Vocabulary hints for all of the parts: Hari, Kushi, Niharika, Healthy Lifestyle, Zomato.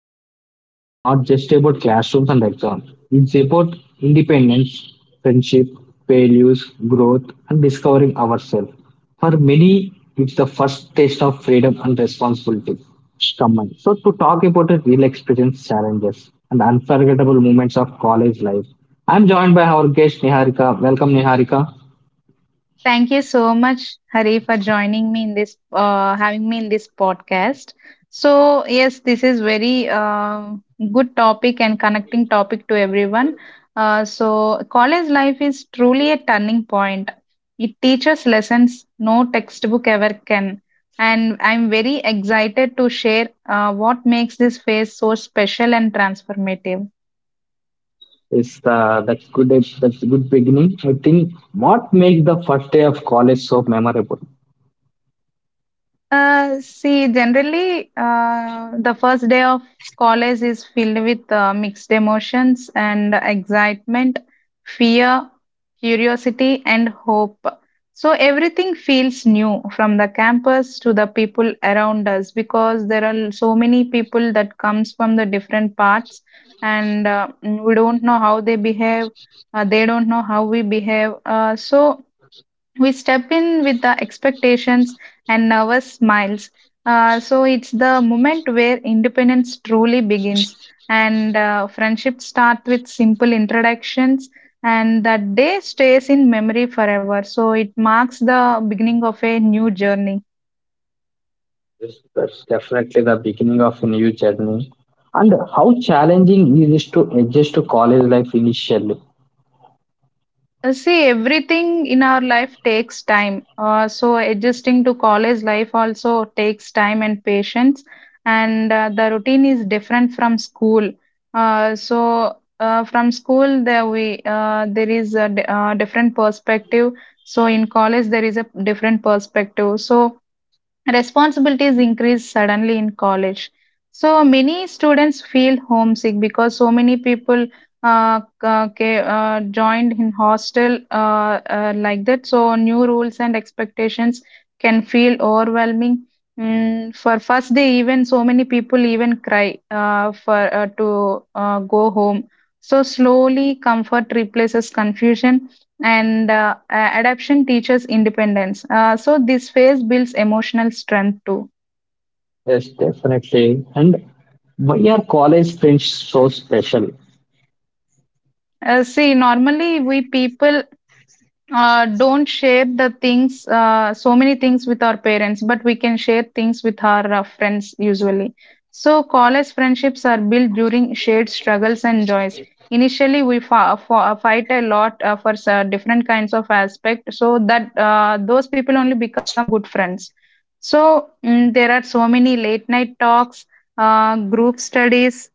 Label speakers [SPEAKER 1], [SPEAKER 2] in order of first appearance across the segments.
[SPEAKER 1] college is not just about classrooms and exams. It's about independence, friendship, values, growth and discovering ourselves. For many, it's the first taste of freedom and responsibility. Common. So to talk about it, real experience challenges and unforgettable moments of college life. I'm joined by our guest Niharika. Welcome, Niharika.
[SPEAKER 2] Thank you so much, Hari, for joining me in this, having me in this podcast. So yes, this is very good topic and connecting topic to everyone. So college life is truly a turning point. It teaches lessons no textbook ever can, and I'm very excited to share what makes this phase so special and transformative.
[SPEAKER 1] It's that's good. That's a good beginning. I think what makes the first day of college so memorable.
[SPEAKER 2] See, generally, the first day of college is filled with mixed emotions and excitement, fear, curiosity, and hope. So everything feels new from the campus to the people around us, because there are so many people that comes from the different parts, and we don't know how they behave, they don't know how we behave. So, we step in with the expectations and nervous smiles. So it's the moment where independence truly begins, and friendship start with simple introductions, and that day stays in memory forever. So it marks the beginning of a new journey.
[SPEAKER 1] Yes, that's definitely the beginning of a new journey. And how challenging is it is to adjust to college life initially?
[SPEAKER 2] See, everything in our life takes time. So, adjusting to college life also takes time and patience. And the routine is different from school. So, from school, there is a different perspective. So in college, there is a different perspective. Responsibilities increase suddenly in college. So many students feel homesick, because so many people joined in hostel like that. So new rules and expectations can feel overwhelming. Mm, for first day, even so many people even cry for to go home. So slowly, comfort replaces confusion, and adaption teaches independence. So this phase builds emotional strength too.
[SPEAKER 1] Yes, definitely. And why are college friends so special?
[SPEAKER 2] See, normally we people don't share the things, so many things, with our parents, but we can share things with our friends usually. So college friendships are built during shared struggles and joys. Initially we fight a lot for different kinds of aspect, so that those people only become a good friends. So mm, there are so many late night talks, group studies.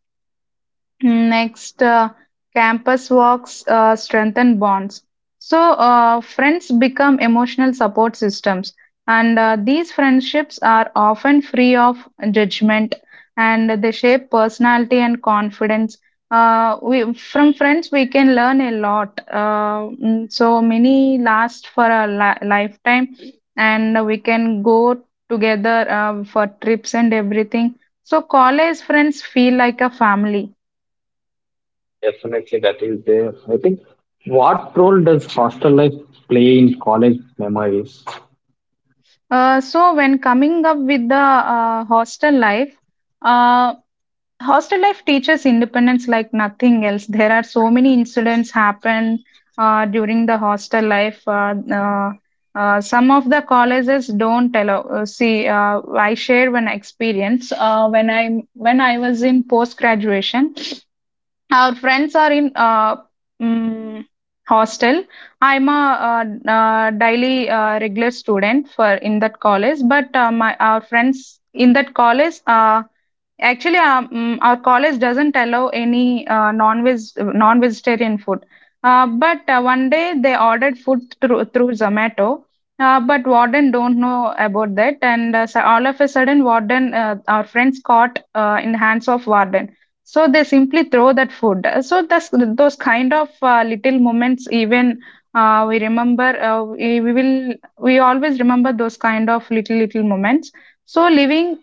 [SPEAKER 2] Next, campus walks strengthen bonds. So friends become emotional support systems, and these friendships are often free of judgment, and they shape personality and confidence. We, from friends, we can learn a lot. So many last for a lifetime, and we can go together for trips and everything. So college friends feel like a family.
[SPEAKER 1] Definitely, that is there. I think what role does hostel life play in college memories?
[SPEAKER 2] So when coming up with the uh, hostel life, uh, hostel life teaches independence like nothing else. There are so many incidents happen during the hostel life. Some of the colleges don't allow. See, I share one experience when I was in post graduation. Our friends are in mm, hostel. I'm a daily regular student for in that college, but my our friends in that college. Actually, our college doesn't allow any non-vegetarian food. But one day they ordered food through Zomato. But warden don't know about that, and so all of a sudden, warden our friends caught in hands of warden. So they simply throw that food. So that's, those kind of little moments, even we remember, we will we always remember those kind of little little moments. So living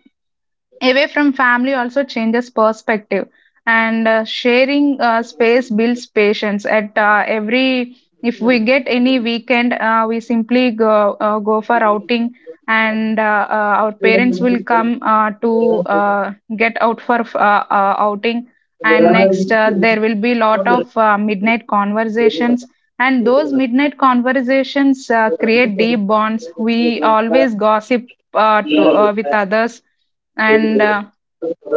[SPEAKER 2] away from family also changes perspective, and sharing space builds patience. If we get any weekend, we simply go for outing, and our parents will come to get out for outing. And next, there will be lot of midnight conversations, and those midnight conversations create deep bonds. We always gossip with others, and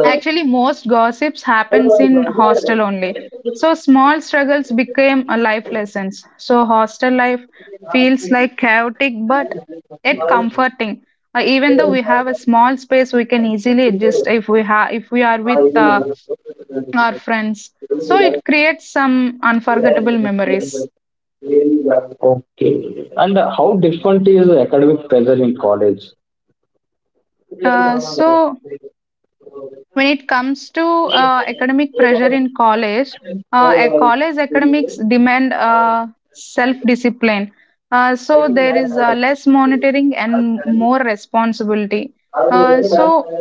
[SPEAKER 2] actually most gossips happens in hostel only. So small struggles became a life lessons. So hostel life feels like chaotic, but yet comforting. Even though we have a small space, we can easily adjust if we are with our friends. So it creates some unforgettable memories.
[SPEAKER 1] Okay. And how different is academic pressure in college?
[SPEAKER 2] So when it comes to academic pressure in college, a college academics demand self-discipline. So there is less monitoring and more responsibility. Uh, so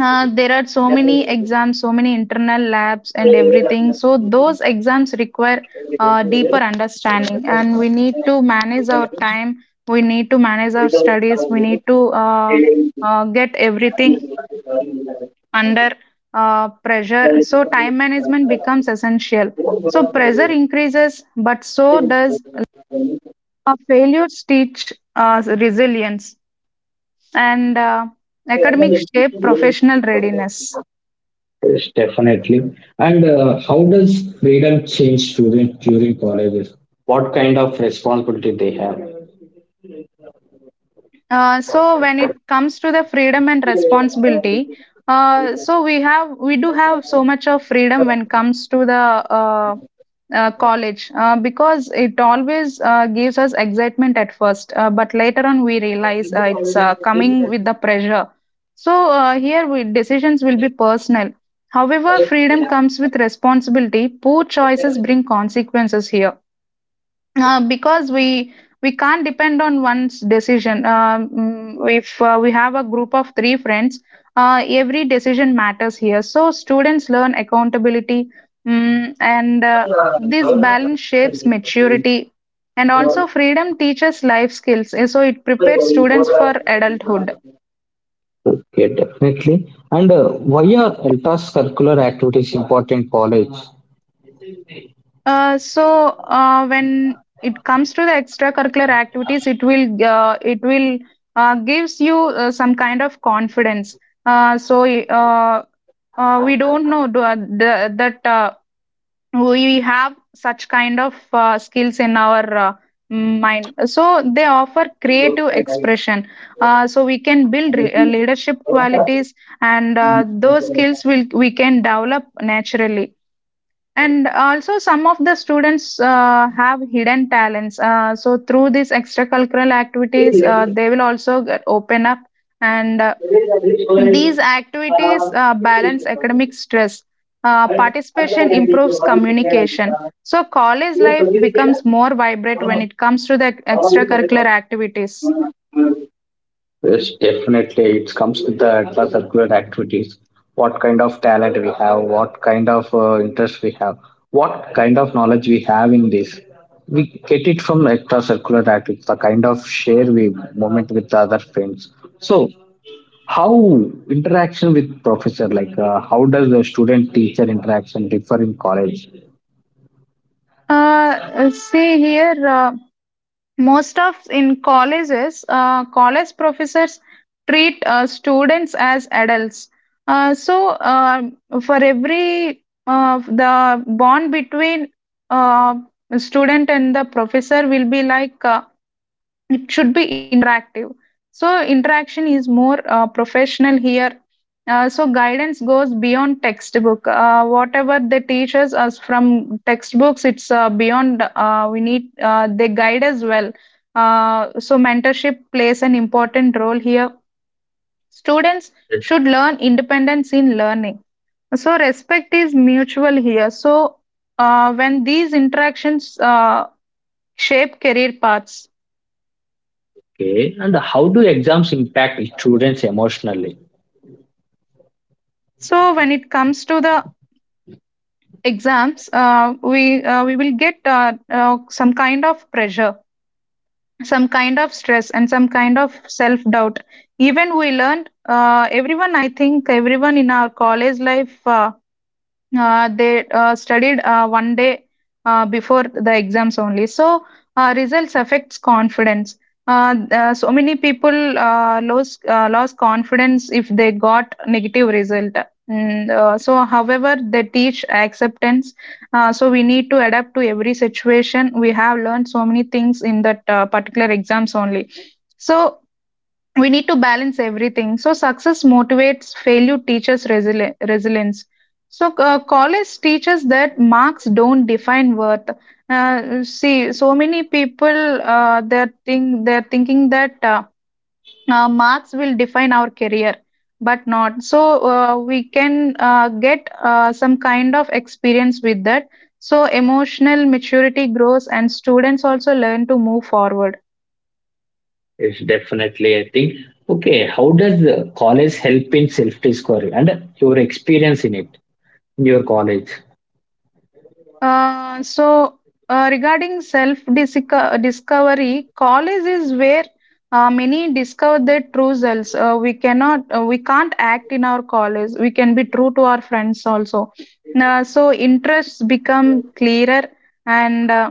[SPEAKER 2] uh, there are so many exams, so many internal labs and everything. So those exams require deeper understanding, and we need to manage our time. We need to manage our studies. We need to get everything under pressure. So time management becomes essential. So pressure increases, but so does a failure teach resilience, and academic shape professional readiness.
[SPEAKER 1] Yes, definitely. And how does freedom change students during colleges? What kind of responsibility they have?
[SPEAKER 2] So when it comes to the freedom and responsibility, so we have we do have so much of freedom when comes to the uh, college because it always gives us excitement at first, but later on we realize it's coming with the pressure. So here we, decisions will be personal. However, freedom comes with responsibility. Poor choices bring consequences here, because we can't depend on one's decision. If we have a group of three friends, every decision matters here. So students learn accountability, and this balance shapes maturity, and also freedom teaches life skills. So it prepares students for adulthood.
[SPEAKER 1] Okay, definitely. And why are intra-circular activities important in college?
[SPEAKER 2] So when it comes to the extracurricular activities, it will gives you some kind of confidence. Uh, so uh, we don't know that we have such kind of skills in our mind. So they offer creative expression. So we can build leadership qualities, and those skills will we can develop naturally. And also, some of the students have hidden talents. So, through these extracurricular activities, they will also get open up. And these activities balance academic stress. Participation improves communication. So college life becomes more vibrant when it comes to the extracurricular activities.
[SPEAKER 1] Yes, definitely. It comes with the intra-circular activities. What kind of talent we have, what kind of interest we have, what kind of knowledge we have in this. We get it from extracurricular activities, the kind of share we moment with other friends. So, how interaction with professor, like how does the student-teacher interaction differ in college?
[SPEAKER 2] See here. Most of in colleges college professors treat students as adults. So for every the bond between uh, student and the professor will be like it should be interactive. So interaction is more professional here. So guidance goes beyond textbook. Whatever they teach us from textbooks, it's beyond, we need they guide as well. So mentorship plays an important role here. Students should learn independence in learning. So respect is mutual here. So when these interactions shape career paths.
[SPEAKER 1] Okay, and how do exams impact students emotionally?
[SPEAKER 2] So when it comes to the exams, we will get some kind of pressure, some kind of stress, and some kind of self doubt. Even we learned, everyone, I think everyone in our college life, they studied one day before the exams only. So results affects confidence. So many people lose lost confidence if they got negative result. However, they teach acceptance. So we need to adapt to every situation. We have learned so many things in that particular exams only. So we need to balance everything. So success motivates, failure teaches resilience. So college teaches that marks don't define worth. See, so many people they're thinking that marks will define our career, but not so. We can get some kind of experience with that. So emotional maturity grows, and students also learn to move forward.
[SPEAKER 1] It's definitely, I think. Okay, how does college help in self-discovery and your experience in it in your college?
[SPEAKER 2] Uh, so, Regarding self discovery, college is where many discover their true selves. We can't act in our college. We can be true to our friends also. So, interests become clearer, and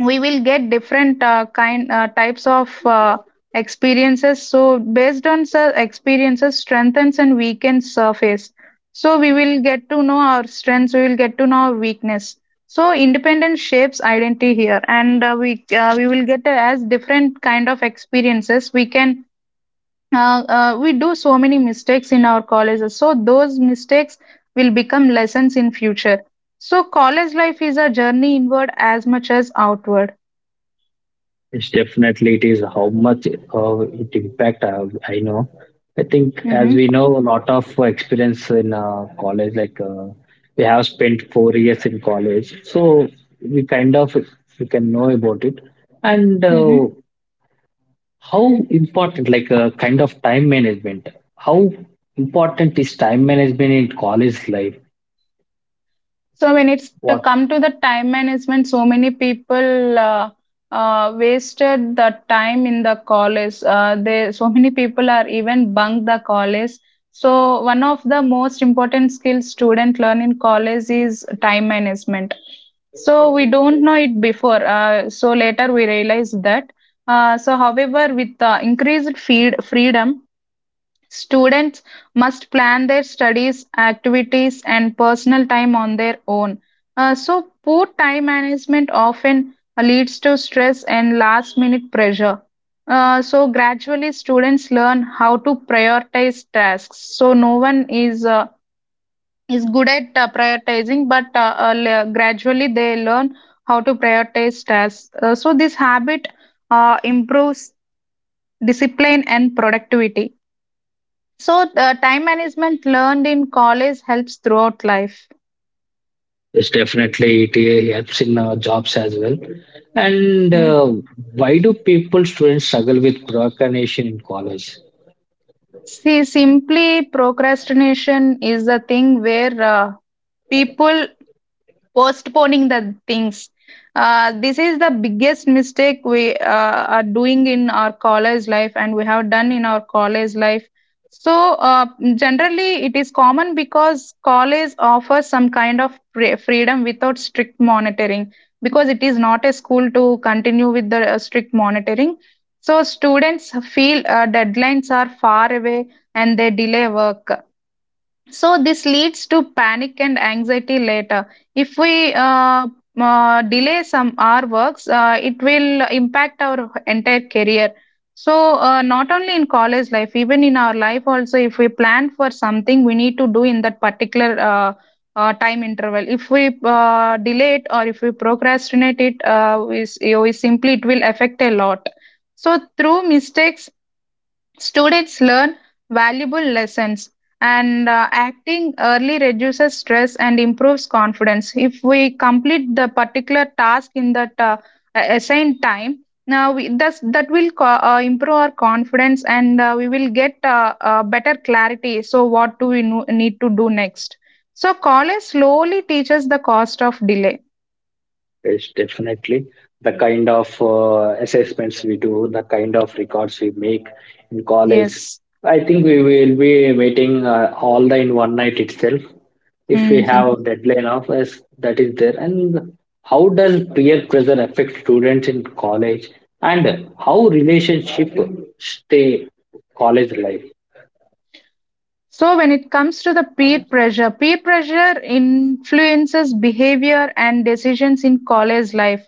[SPEAKER 2] we will get different kind types of experiences. So based on the experiences, strengthens and weakens surface. So we will get to know our strengths, we will get to know our weakness. So independence shapes identity here, and we will get as different kind of experiences we can we do so many mistakes in our colleges. So those mistakes will become lessons in future. So college life is a journey inward as much as outward.
[SPEAKER 1] It's definitely it is how much it impact. I know. I think as we
[SPEAKER 2] Mhm,
[SPEAKER 1] know, a lot of experience in college. We have spent four years in college, so we kind of we can know about it and.
[SPEAKER 2] mhm.
[SPEAKER 1] How important like a kind of time management how important is time management in college life.
[SPEAKER 2] So when it's to
[SPEAKER 1] What?
[SPEAKER 2] come to the time management, so many people wasted the time in the college. They so many people are even bunk the college. So one of the most important skills student learn in college is time management. So we don't know it before. So later we realize that. So however, with the increased feed freedom. Students must plan their studies, activities, and personal time on their own. Poor time management often leads to stress and last minute pressure. Gradually, students learn how to prioritize tasks. So, no one is good at prioritizing, but gradually they learn how to prioritize tasks. This habit improves discipline and productivity. So, the time management learned in college helps throughout life.
[SPEAKER 1] Is definitely it helps in jobs as well and
[SPEAKER 2] Mm.
[SPEAKER 1] why do people students struggle with procrastination in college?
[SPEAKER 2] See, simply procrastination is a thing where people postponing the things. This is the biggest mistake we are doing in our college life and we have done in our college life. so uh, Generally it is common because college offers some kind of freedom without strict monitoring, because it is not a school to continue with the strict monitoring. So students feel deadlines are far away and they delay work, so this leads to panic and anxiety later. If we delay some our works, it will impact our entire career. So not only in college life, even in our life also, if we plan for something, we need to do in that particular time interval. If we delay it or if we procrastinate it, we simply it will affect a lot. So through mistakes students learn valuable lessons, and acting early reduces stress and improves confidence. If we complete the particular task in that assigned time, now we, thus, that will improve our confidence and we will get better clarity. So, what do we need to do next? So, college slowly teaches the cost of delay.
[SPEAKER 1] Yes, definitely. The kind of assessments we do, the kind of records we make in college,
[SPEAKER 2] Yes.
[SPEAKER 1] I think we will be meeting all the in one night itself. If we have deadline of us, that is there. And how does peer pressure affect students in college? And how relationship stay college life?
[SPEAKER 2] So, when it comes to the peer pressure influences behavior and decisions in college life.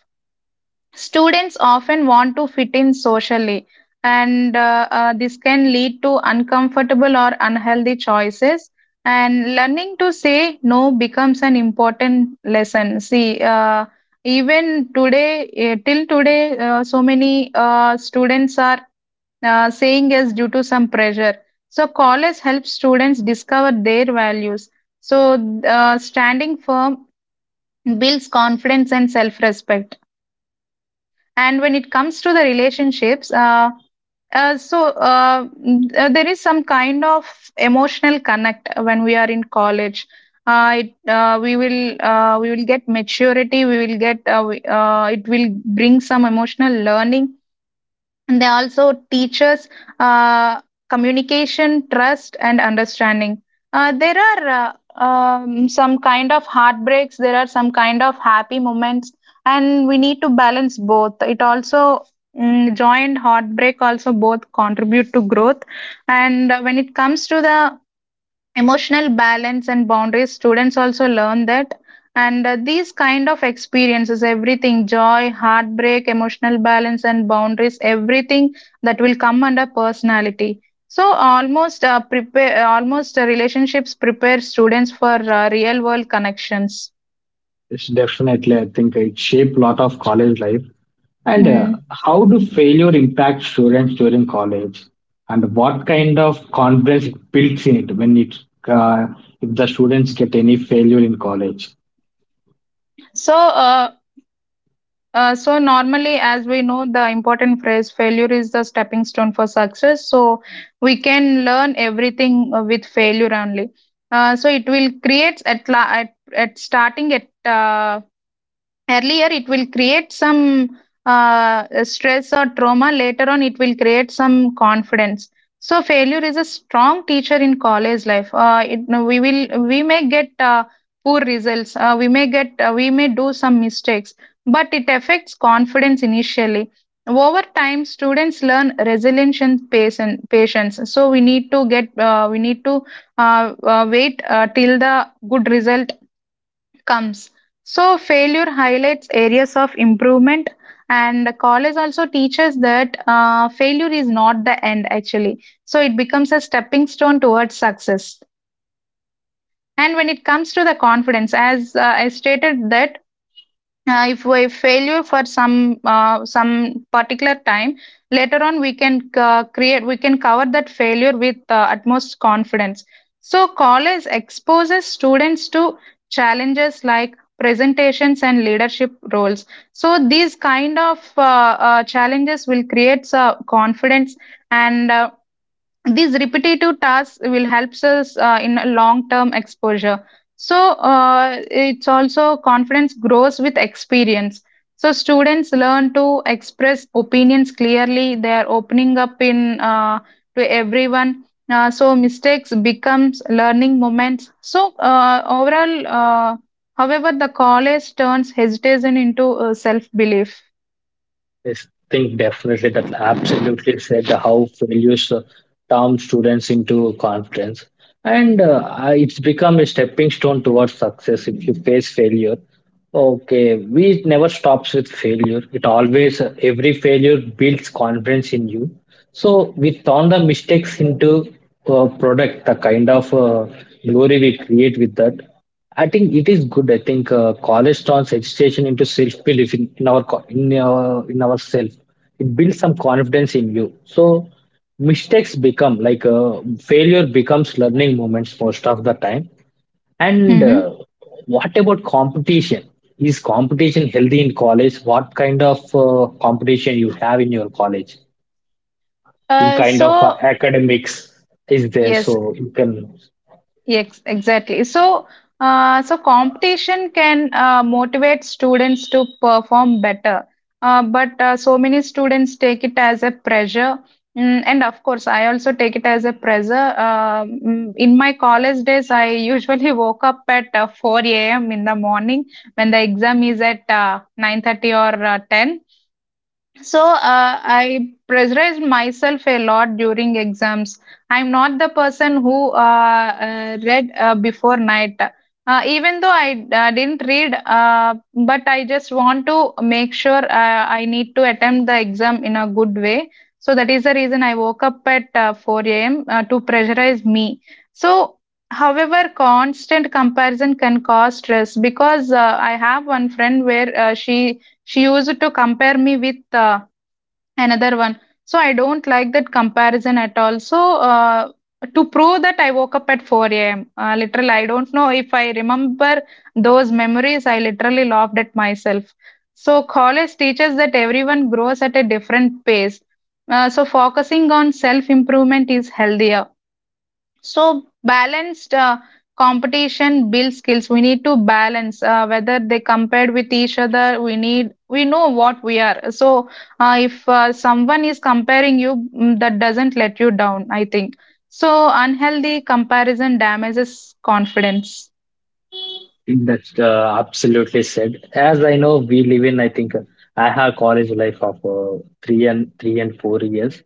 [SPEAKER 2] Students often want to fit in socially, and this can lead to uncomfortable or unhealthy choices. And learning to say no becomes an important lesson. Even today, till today, so many students are saying yes due to some pressure. So, college helps students discover their values. So, Standing firm builds confidence and self respect. And when it comes to the relationships, there is some kind of emotional connect when we are in college. It, we will We will get maturity. We will get we- It will bring some emotional learning and they also teach us uh, communication, trust, and understanding. There are some kind of heartbreaks, there are some kind of happy moments, and we need to balance both. Joined heartbreak also both contribute to growth. And when it comes to the emotional balance and boundaries, students also learn that. And these kind of experiences, everything, joy, heartbreak, emotional balance, and boundaries, everything that will come under personality. So almost prepare almost relationships prepare students for real world connections.
[SPEAKER 1] Yes, definitely. I think it shaped a lot of college life. And
[SPEAKER 2] Mm.
[SPEAKER 1] how do failure impact students during college? And what kind of confidence it builds in it when it uh, if the students get any failure in college?
[SPEAKER 2] so uh, so normally, as we know, the important phrase failure is the stepping stone for success. So we can learn everything with failure only. So it will create at, la- at starting at earlier, it will create some stress or trauma. Later on it will create some confidence. So failure is a strong teacher in college life. It, no, We will we may get poor results. We may get we may do some mistakes, but it affects confidence initially. Over time, students learn resilience and patience. So we need to get we need to wait till the good result comes. So, failure highlights areas of improvement, and the college also teaches that failure is not the end actually. So, it becomes a stepping stone towards success. And when it comes to the confidence, as I stated, that if we failure for some particular time, later on we can create we can cover that failure with utmost confidence. So college exposes students to challenges like presentations and leadership roles. So these kind of challenges will create confidence, and these repetitive tasks will helps us in a long term exposure. So it's also confidence grows with experience. So students learn to express opinions clearly. They are opening up in to everyone. So mistakes becomes learning moments. Overall, however, the college turns hesitation into self belief.
[SPEAKER 1] I think definitely that absolutely said how failures turn students into confidence, and it's become a stepping stone towards success. If you face failure, okay, we it never stops with failure. It always every failure builds confidence in you. So we turn the mistakes into product, the kind of glory we create with that. I think it is good. I think college turns education into self belief in in our in ourself. It builds some confidence in you. So mistakes become failure becomes learning moments most of the time. And
[SPEAKER 2] hmm
[SPEAKER 1] what about competition? Is competition healthy in college? What kind of competition you have in your college? In
[SPEAKER 2] uh,
[SPEAKER 1] kind of
[SPEAKER 2] so
[SPEAKER 1] academics is there?
[SPEAKER 2] yes,
[SPEAKER 1] So you can.
[SPEAKER 2] yes, exactly. So, competition can motivate students to perform better. But So many students take it as a pressure. Mm, and of course, I also take it as a pressure. In my college days, I usually woke up at 4 a.m. in the morning when the exam is at 9:30 or 10. So uh, I pressurized myself a lot during exams. I'm not the person who read before night. Even though I didn't read, but I just want to make sure I need to attempt the exam in a good way. So that is the reason I woke up at 4 a.m. To pressurize me. So, however, constant comparison can cause stress because I have one friend where she used to compare me with another one. So I don't like that comparison at all. To prove that I woke up at 4 a.m. Literally, I don't know if I remember those memories. I literally laughed at myself. So college teaches that everyone grows at a different pace. Focusing on self improvement is healthier. So balanced competition builds skills. We need to balance whether they compared with each other. We need we know what we are. If someone is comparing you, mm, that doesn't let you down. I think so. Unhealthy comparison damages confidence.
[SPEAKER 1] That's absolutely said. As I know, we live in, I think, I have college life of three and four years,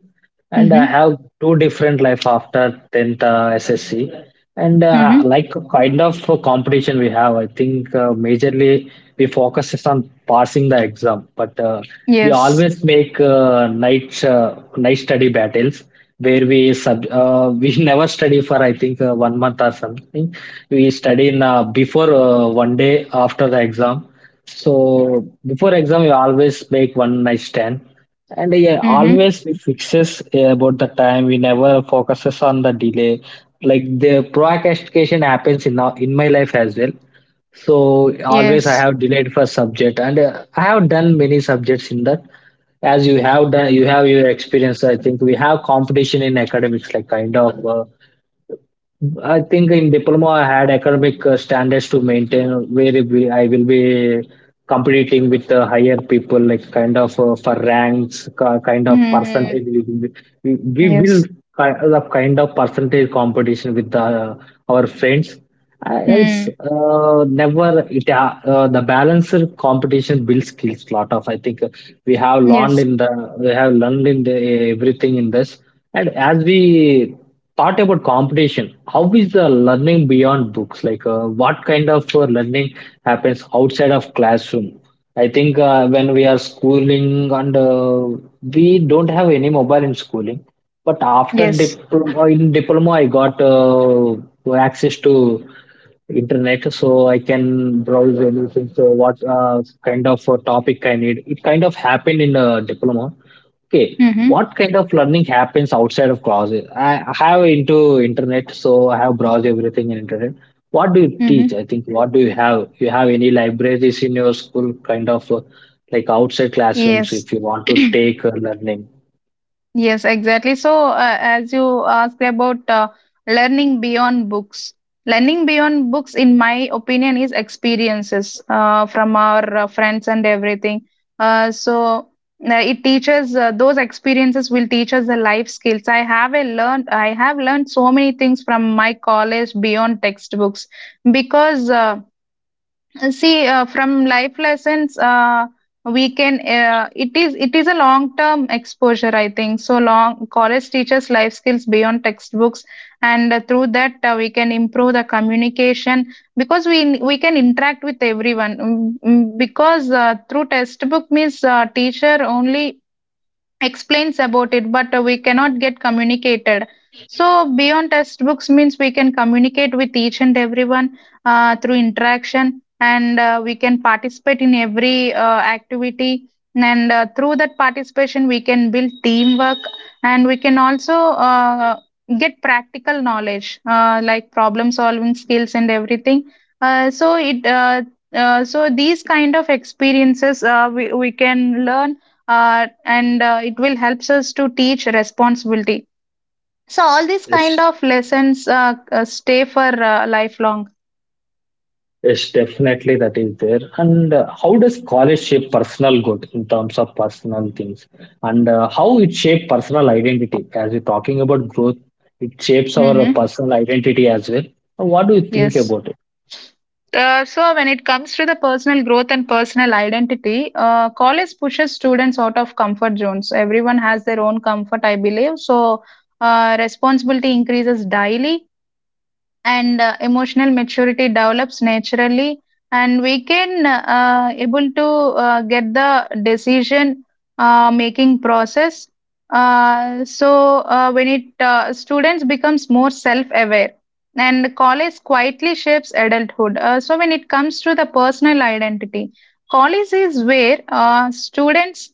[SPEAKER 1] and I
[SPEAKER 2] Mm-hmm.
[SPEAKER 1] have two different life after 10th SSC and
[SPEAKER 2] Mm-hmm.
[SPEAKER 1] like kind of competition we have, I think majorly we focus is on passing the exam, but we
[SPEAKER 2] Yes.
[SPEAKER 1] always make night study battles, where we never study for I think one month or something. We study in before one day after the exam, so before exam we always make one night stand. And yeah,
[SPEAKER 2] Mm-hmm.
[SPEAKER 1] always we fixes about the time. We never focuses on the delay. Like the procrastination happens in in my life as well. So always I
[SPEAKER 2] Yes.
[SPEAKER 1] have delayed for subject, and I have done many subjects in that. As you have done, you have your experience. I think we have competition in academics, like kind of. I think in diploma I had academic standards to maintain, where I will be competing with the higher people like kind of for ranks kind of
[SPEAKER 2] Mm-hmm.
[SPEAKER 1] percentage we will be- we we will
[SPEAKER 2] Yes.
[SPEAKER 1] the kind of percentage competition with the our friends. Else
[SPEAKER 2] Mm.
[SPEAKER 1] never it The balanced competition builds skills lot of, I think we have learned
[SPEAKER 2] Yes.
[SPEAKER 1] in the we have learned in the everything in this. And as we thought about competition, how is the learning beyond books, like what kind of learning happens outside of classroom? I think when we are schooling, and we don't have any mobile in schooling, but after
[SPEAKER 2] Yes.
[SPEAKER 1] diploma, in diploma I got access to internet, so I can browse anything. So what kind of topic I need, it kind of happened in a diploma. Okay,
[SPEAKER 2] Mm-hmm.
[SPEAKER 1] what kind of learning happens outside of classes? I have into internet, so I have browsed everything in internet. What do you teach?
[SPEAKER 2] Mm-hmm.
[SPEAKER 1] I think what do you have? You have any libraries in your school, kind of like outside classrooms,
[SPEAKER 2] Yes.
[SPEAKER 1] if you want to take learning?
[SPEAKER 2] Yes, exactly. So, as you asked about learning beyond books, in my opinion, is experiences from our friends and everything. Uh, so, it teaches those experiences will teach us the life skills. I have learned so many things from my college beyond textbooks because. See From life lessons we can it is a long term exposure, I think so long college teaches life skills beyond textbooks. And through that we can improve the communication, because we can interact with everyone. Mm, mm, because through textbook means teacher only explains about it but we cannot get communicated. So beyond textbooks means we can communicate with each and everyone through interaction. And we can participate in every activity. And through that participation we can build teamwork, and we can also get practical knowledge like problem solving skills and everything. Uh, so it uh, uh, so these kind of experiences we can learn. And it will helps us to teach responsibility. So all these kind
[SPEAKER 1] Yes.
[SPEAKER 2] of lessons stay for lifelong.
[SPEAKER 1] Yes, definitely that is there. And how does college shape personal growth in terms of personal things? And how it shape personal identity? As we're talking about growth, it shapes our
[SPEAKER 2] hmm
[SPEAKER 1] personal identity as well. What do you think
[SPEAKER 2] yes.
[SPEAKER 1] about it?
[SPEAKER 2] When it comes to the personal growth and personal identity, college pushes students out of comfort zones. Everyone has their own comfort, I believe so. Responsibility increases daily, and, emotional maturity develops naturally, and we can able to get the decision making process. So when it Students becomes more self-aware, and college quietly shapes adulthood. So when it comes to the personal identity, college is where students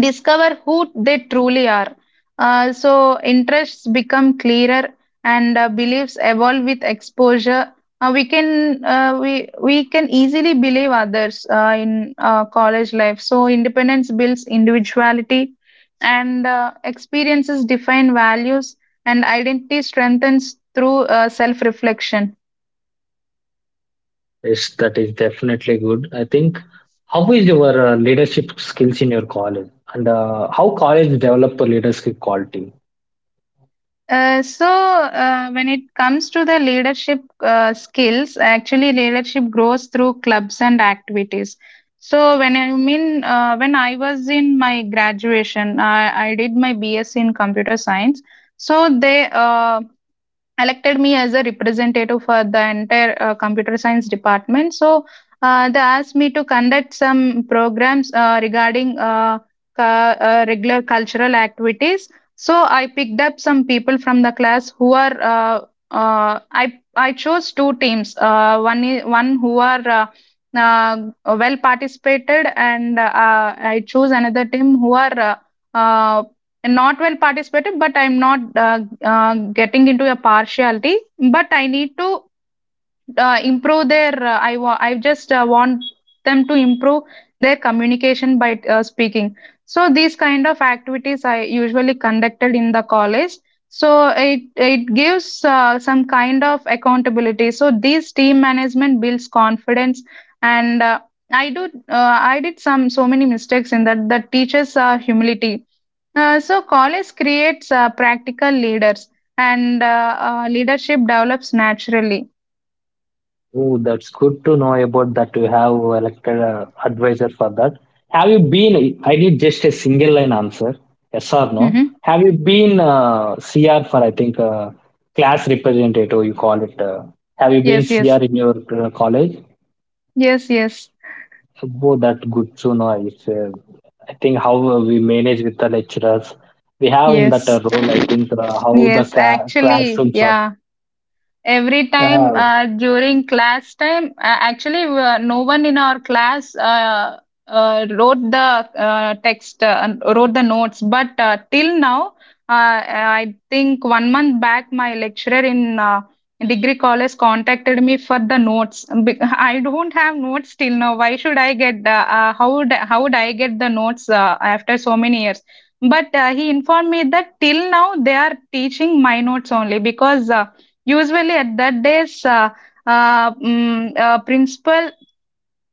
[SPEAKER 2] discover who they truly are. Interests become clearer and beliefs evolve with exposure. We can we can easily believe others in college life. So independence builds individuality, and experiences define values, and identity strengthens through self reflection.
[SPEAKER 1] Yes, that is definitely good. I think how is your leadership skills in your college? And how college develop a leadership quality?
[SPEAKER 2] When it comes to the leadership skills, actually, leadership grows through clubs and activities. So, when I was in my graduation, I did my B.S. in computer science. So, they elected me as a representative for the entire computer science department. So they asked me to conduct some programs regarding regular cultural activities. So I picked up some people from the class who are I chose two teams. One who are well participated, and I chose another team who are uh, and not well participated, but I'm not getting into a partiality, but I need to improve their I just want them to improve their communication by speaking. So these kind of activities I usually conducted in the college. So it gives some kind of accountability, so these team management builds confidence. And i do I did some so many mistakes in that that teaches humility. So college creates practical leaders, and leadership develops naturally.
[SPEAKER 1] Oh, that's good to know about that. You have elected a advisor for that. Have you been? I need just a single line answer, yes or no.
[SPEAKER 2] Hmm.
[SPEAKER 1] Have you been CR for? I think class representative. You call it. Have you been
[SPEAKER 2] Yes,
[SPEAKER 1] CR
[SPEAKER 2] yes,
[SPEAKER 1] in your college?
[SPEAKER 2] yes, yes,
[SPEAKER 1] Oh, that good to know. It's, I think how we manage with the lecturers. We have in that
[SPEAKER 2] yes,
[SPEAKER 1] role. I think uh, how the
[SPEAKER 2] yes.
[SPEAKER 1] cla
[SPEAKER 2] Actually,
[SPEAKER 1] classrooms are.
[SPEAKER 2] yeah. Every time
[SPEAKER 1] Yeah,
[SPEAKER 2] during class time, actually, no one in our class wrote the text, and wrote the notes. But till now, I think one month back, my lecturer in degree college contacted me for the notes. I don't have notes till now. Why should I get the, How would I get the notes after so many years? But he informed me that till now they are teaching my notes only, because usually, at that days, principal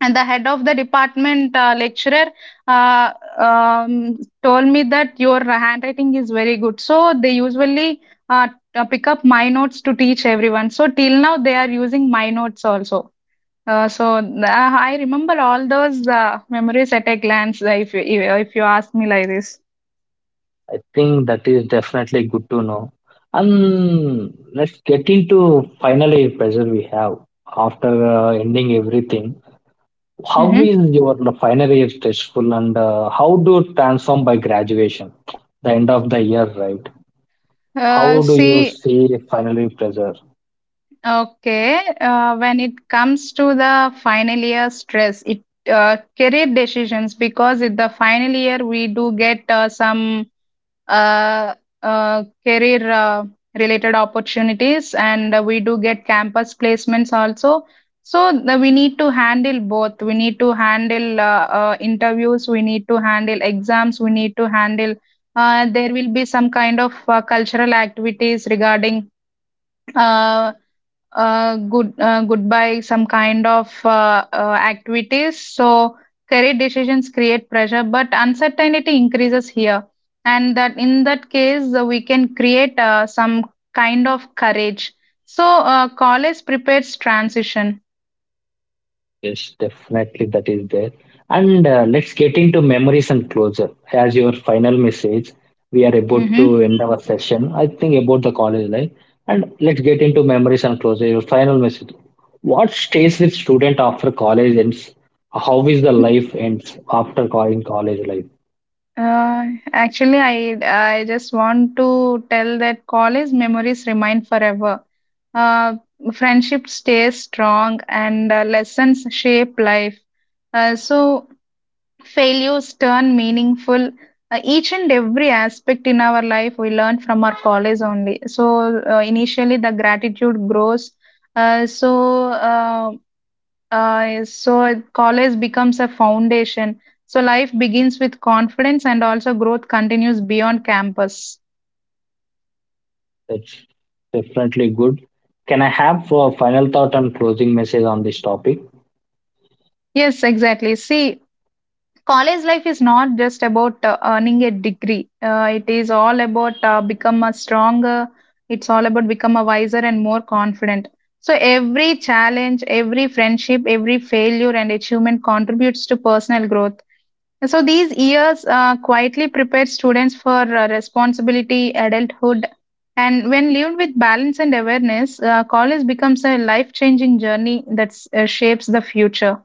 [SPEAKER 2] and the head of the department lecturer uh, um, told me that your handwriting is very good. So they usually uh, pick up my notes to teach everyone. So till now, they are using my notes also. I remember all those memories at a glance. If you ask me like this.
[SPEAKER 1] I think that is definitely good to know. And let's get into final year pressure we have after ending everything. How
[SPEAKER 2] Mm-hmm.
[SPEAKER 1] is your final year stressful, and how do you transform by graduation, the end of the year, right?
[SPEAKER 2] Uh,
[SPEAKER 1] How do you
[SPEAKER 2] see,
[SPEAKER 1] see final year pressure?
[SPEAKER 2] Okay, when it comes to the final year stress, it career decisions, because in the final year we do get some uh, career related opportunities, and we do get campus placements also. So we need to handle both. We need to handle interviews. We need to handle exams. We need to handle. There will be some kind of cultural activities regarding uh, goodbye, some kind of activities. So career decisions create pressure, but uncertainty increases here, and that in that case we can create some kind of courage. So college prepares transition.
[SPEAKER 1] Yes, definitely that is there. And let's get into memories and closure. As your final message, we are about
[SPEAKER 2] Hmm.
[SPEAKER 1] to end our session. I think about the college life, and let's get into memories and closure. Your final message. What stays with student after college ends? How is the life ends after in college life?
[SPEAKER 2] uh, Actually, I just want to tell that college memories remain forever. Uh, Friendship stays strong, and lessons shape life. Uh, so, Failures turn meaningful. Each and every aspect in our life we learn from our college only. So, initially, the gratitude grows. Uh, so, uh, so college becomes a foundation. So, life begins with confidence, and also growth continues beyond campus.
[SPEAKER 1] That's definitely good. Can I have a final thought and closing message on this topic?
[SPEAKER 2] Yes, exactly. See, college life is not just about earning a degree, it is all about become a stronger, it's all about become a wiser and more confident. So every challenge, every friendship, every failure and achievement contributes to personal growth. So these years quietly prepare students for responsibility adulthood. And when lived with balance and awareness, college becomes a life changing journey that shapes the future.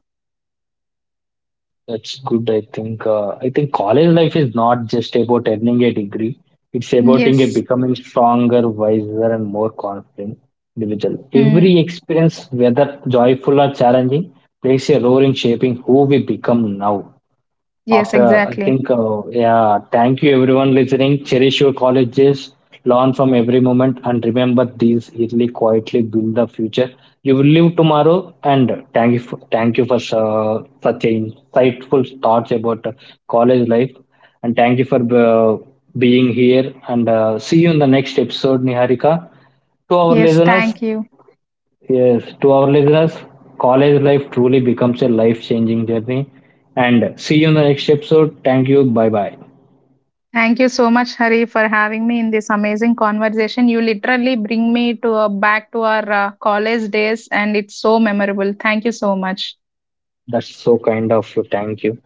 [SPEAKER 1] That's good. I think college life is not just about earning a degree. It's about in a
[SPEAKER 2] Yes.
[SPEAKER 1] becoming stronger, wiser, and more confident individual.
[SPEAKER 2] Mm.
[SPEAKER 1] Every experience, whether joyful or challenging, plays a role in shaping who we become now.
[SPEAKER 2] Yes,
[SPEAKER 1] After, I
[SPEAKER 2] exactly.
[SPEAKER 1] think, yeah, thank you everyone listening. Cherish your colleges, learn from every moment, and remember these yearly quietly build the future. You will live tomorrow, and thank you for such a insightful thoughts about college life, and thank you for being here. And see you in the next episode, Niharika. To our
[SPEAKER 2] Yes,
[SPEAKER 1] listeners,
[SPEAKER 2] thank you.
[SPEAKER 1] Yes, to our listeners, college life truly becomes a life changing journey. And see you in the next episode. Thank you. Bye bye.
[SPEAKER 2] Thank you so much, Hari, for having me in this amazing conversation. You literally bring me to back to our college days, and it's so memorable. Thank you so much.
[SPEAKER 1] That's so kind of you. Thank you.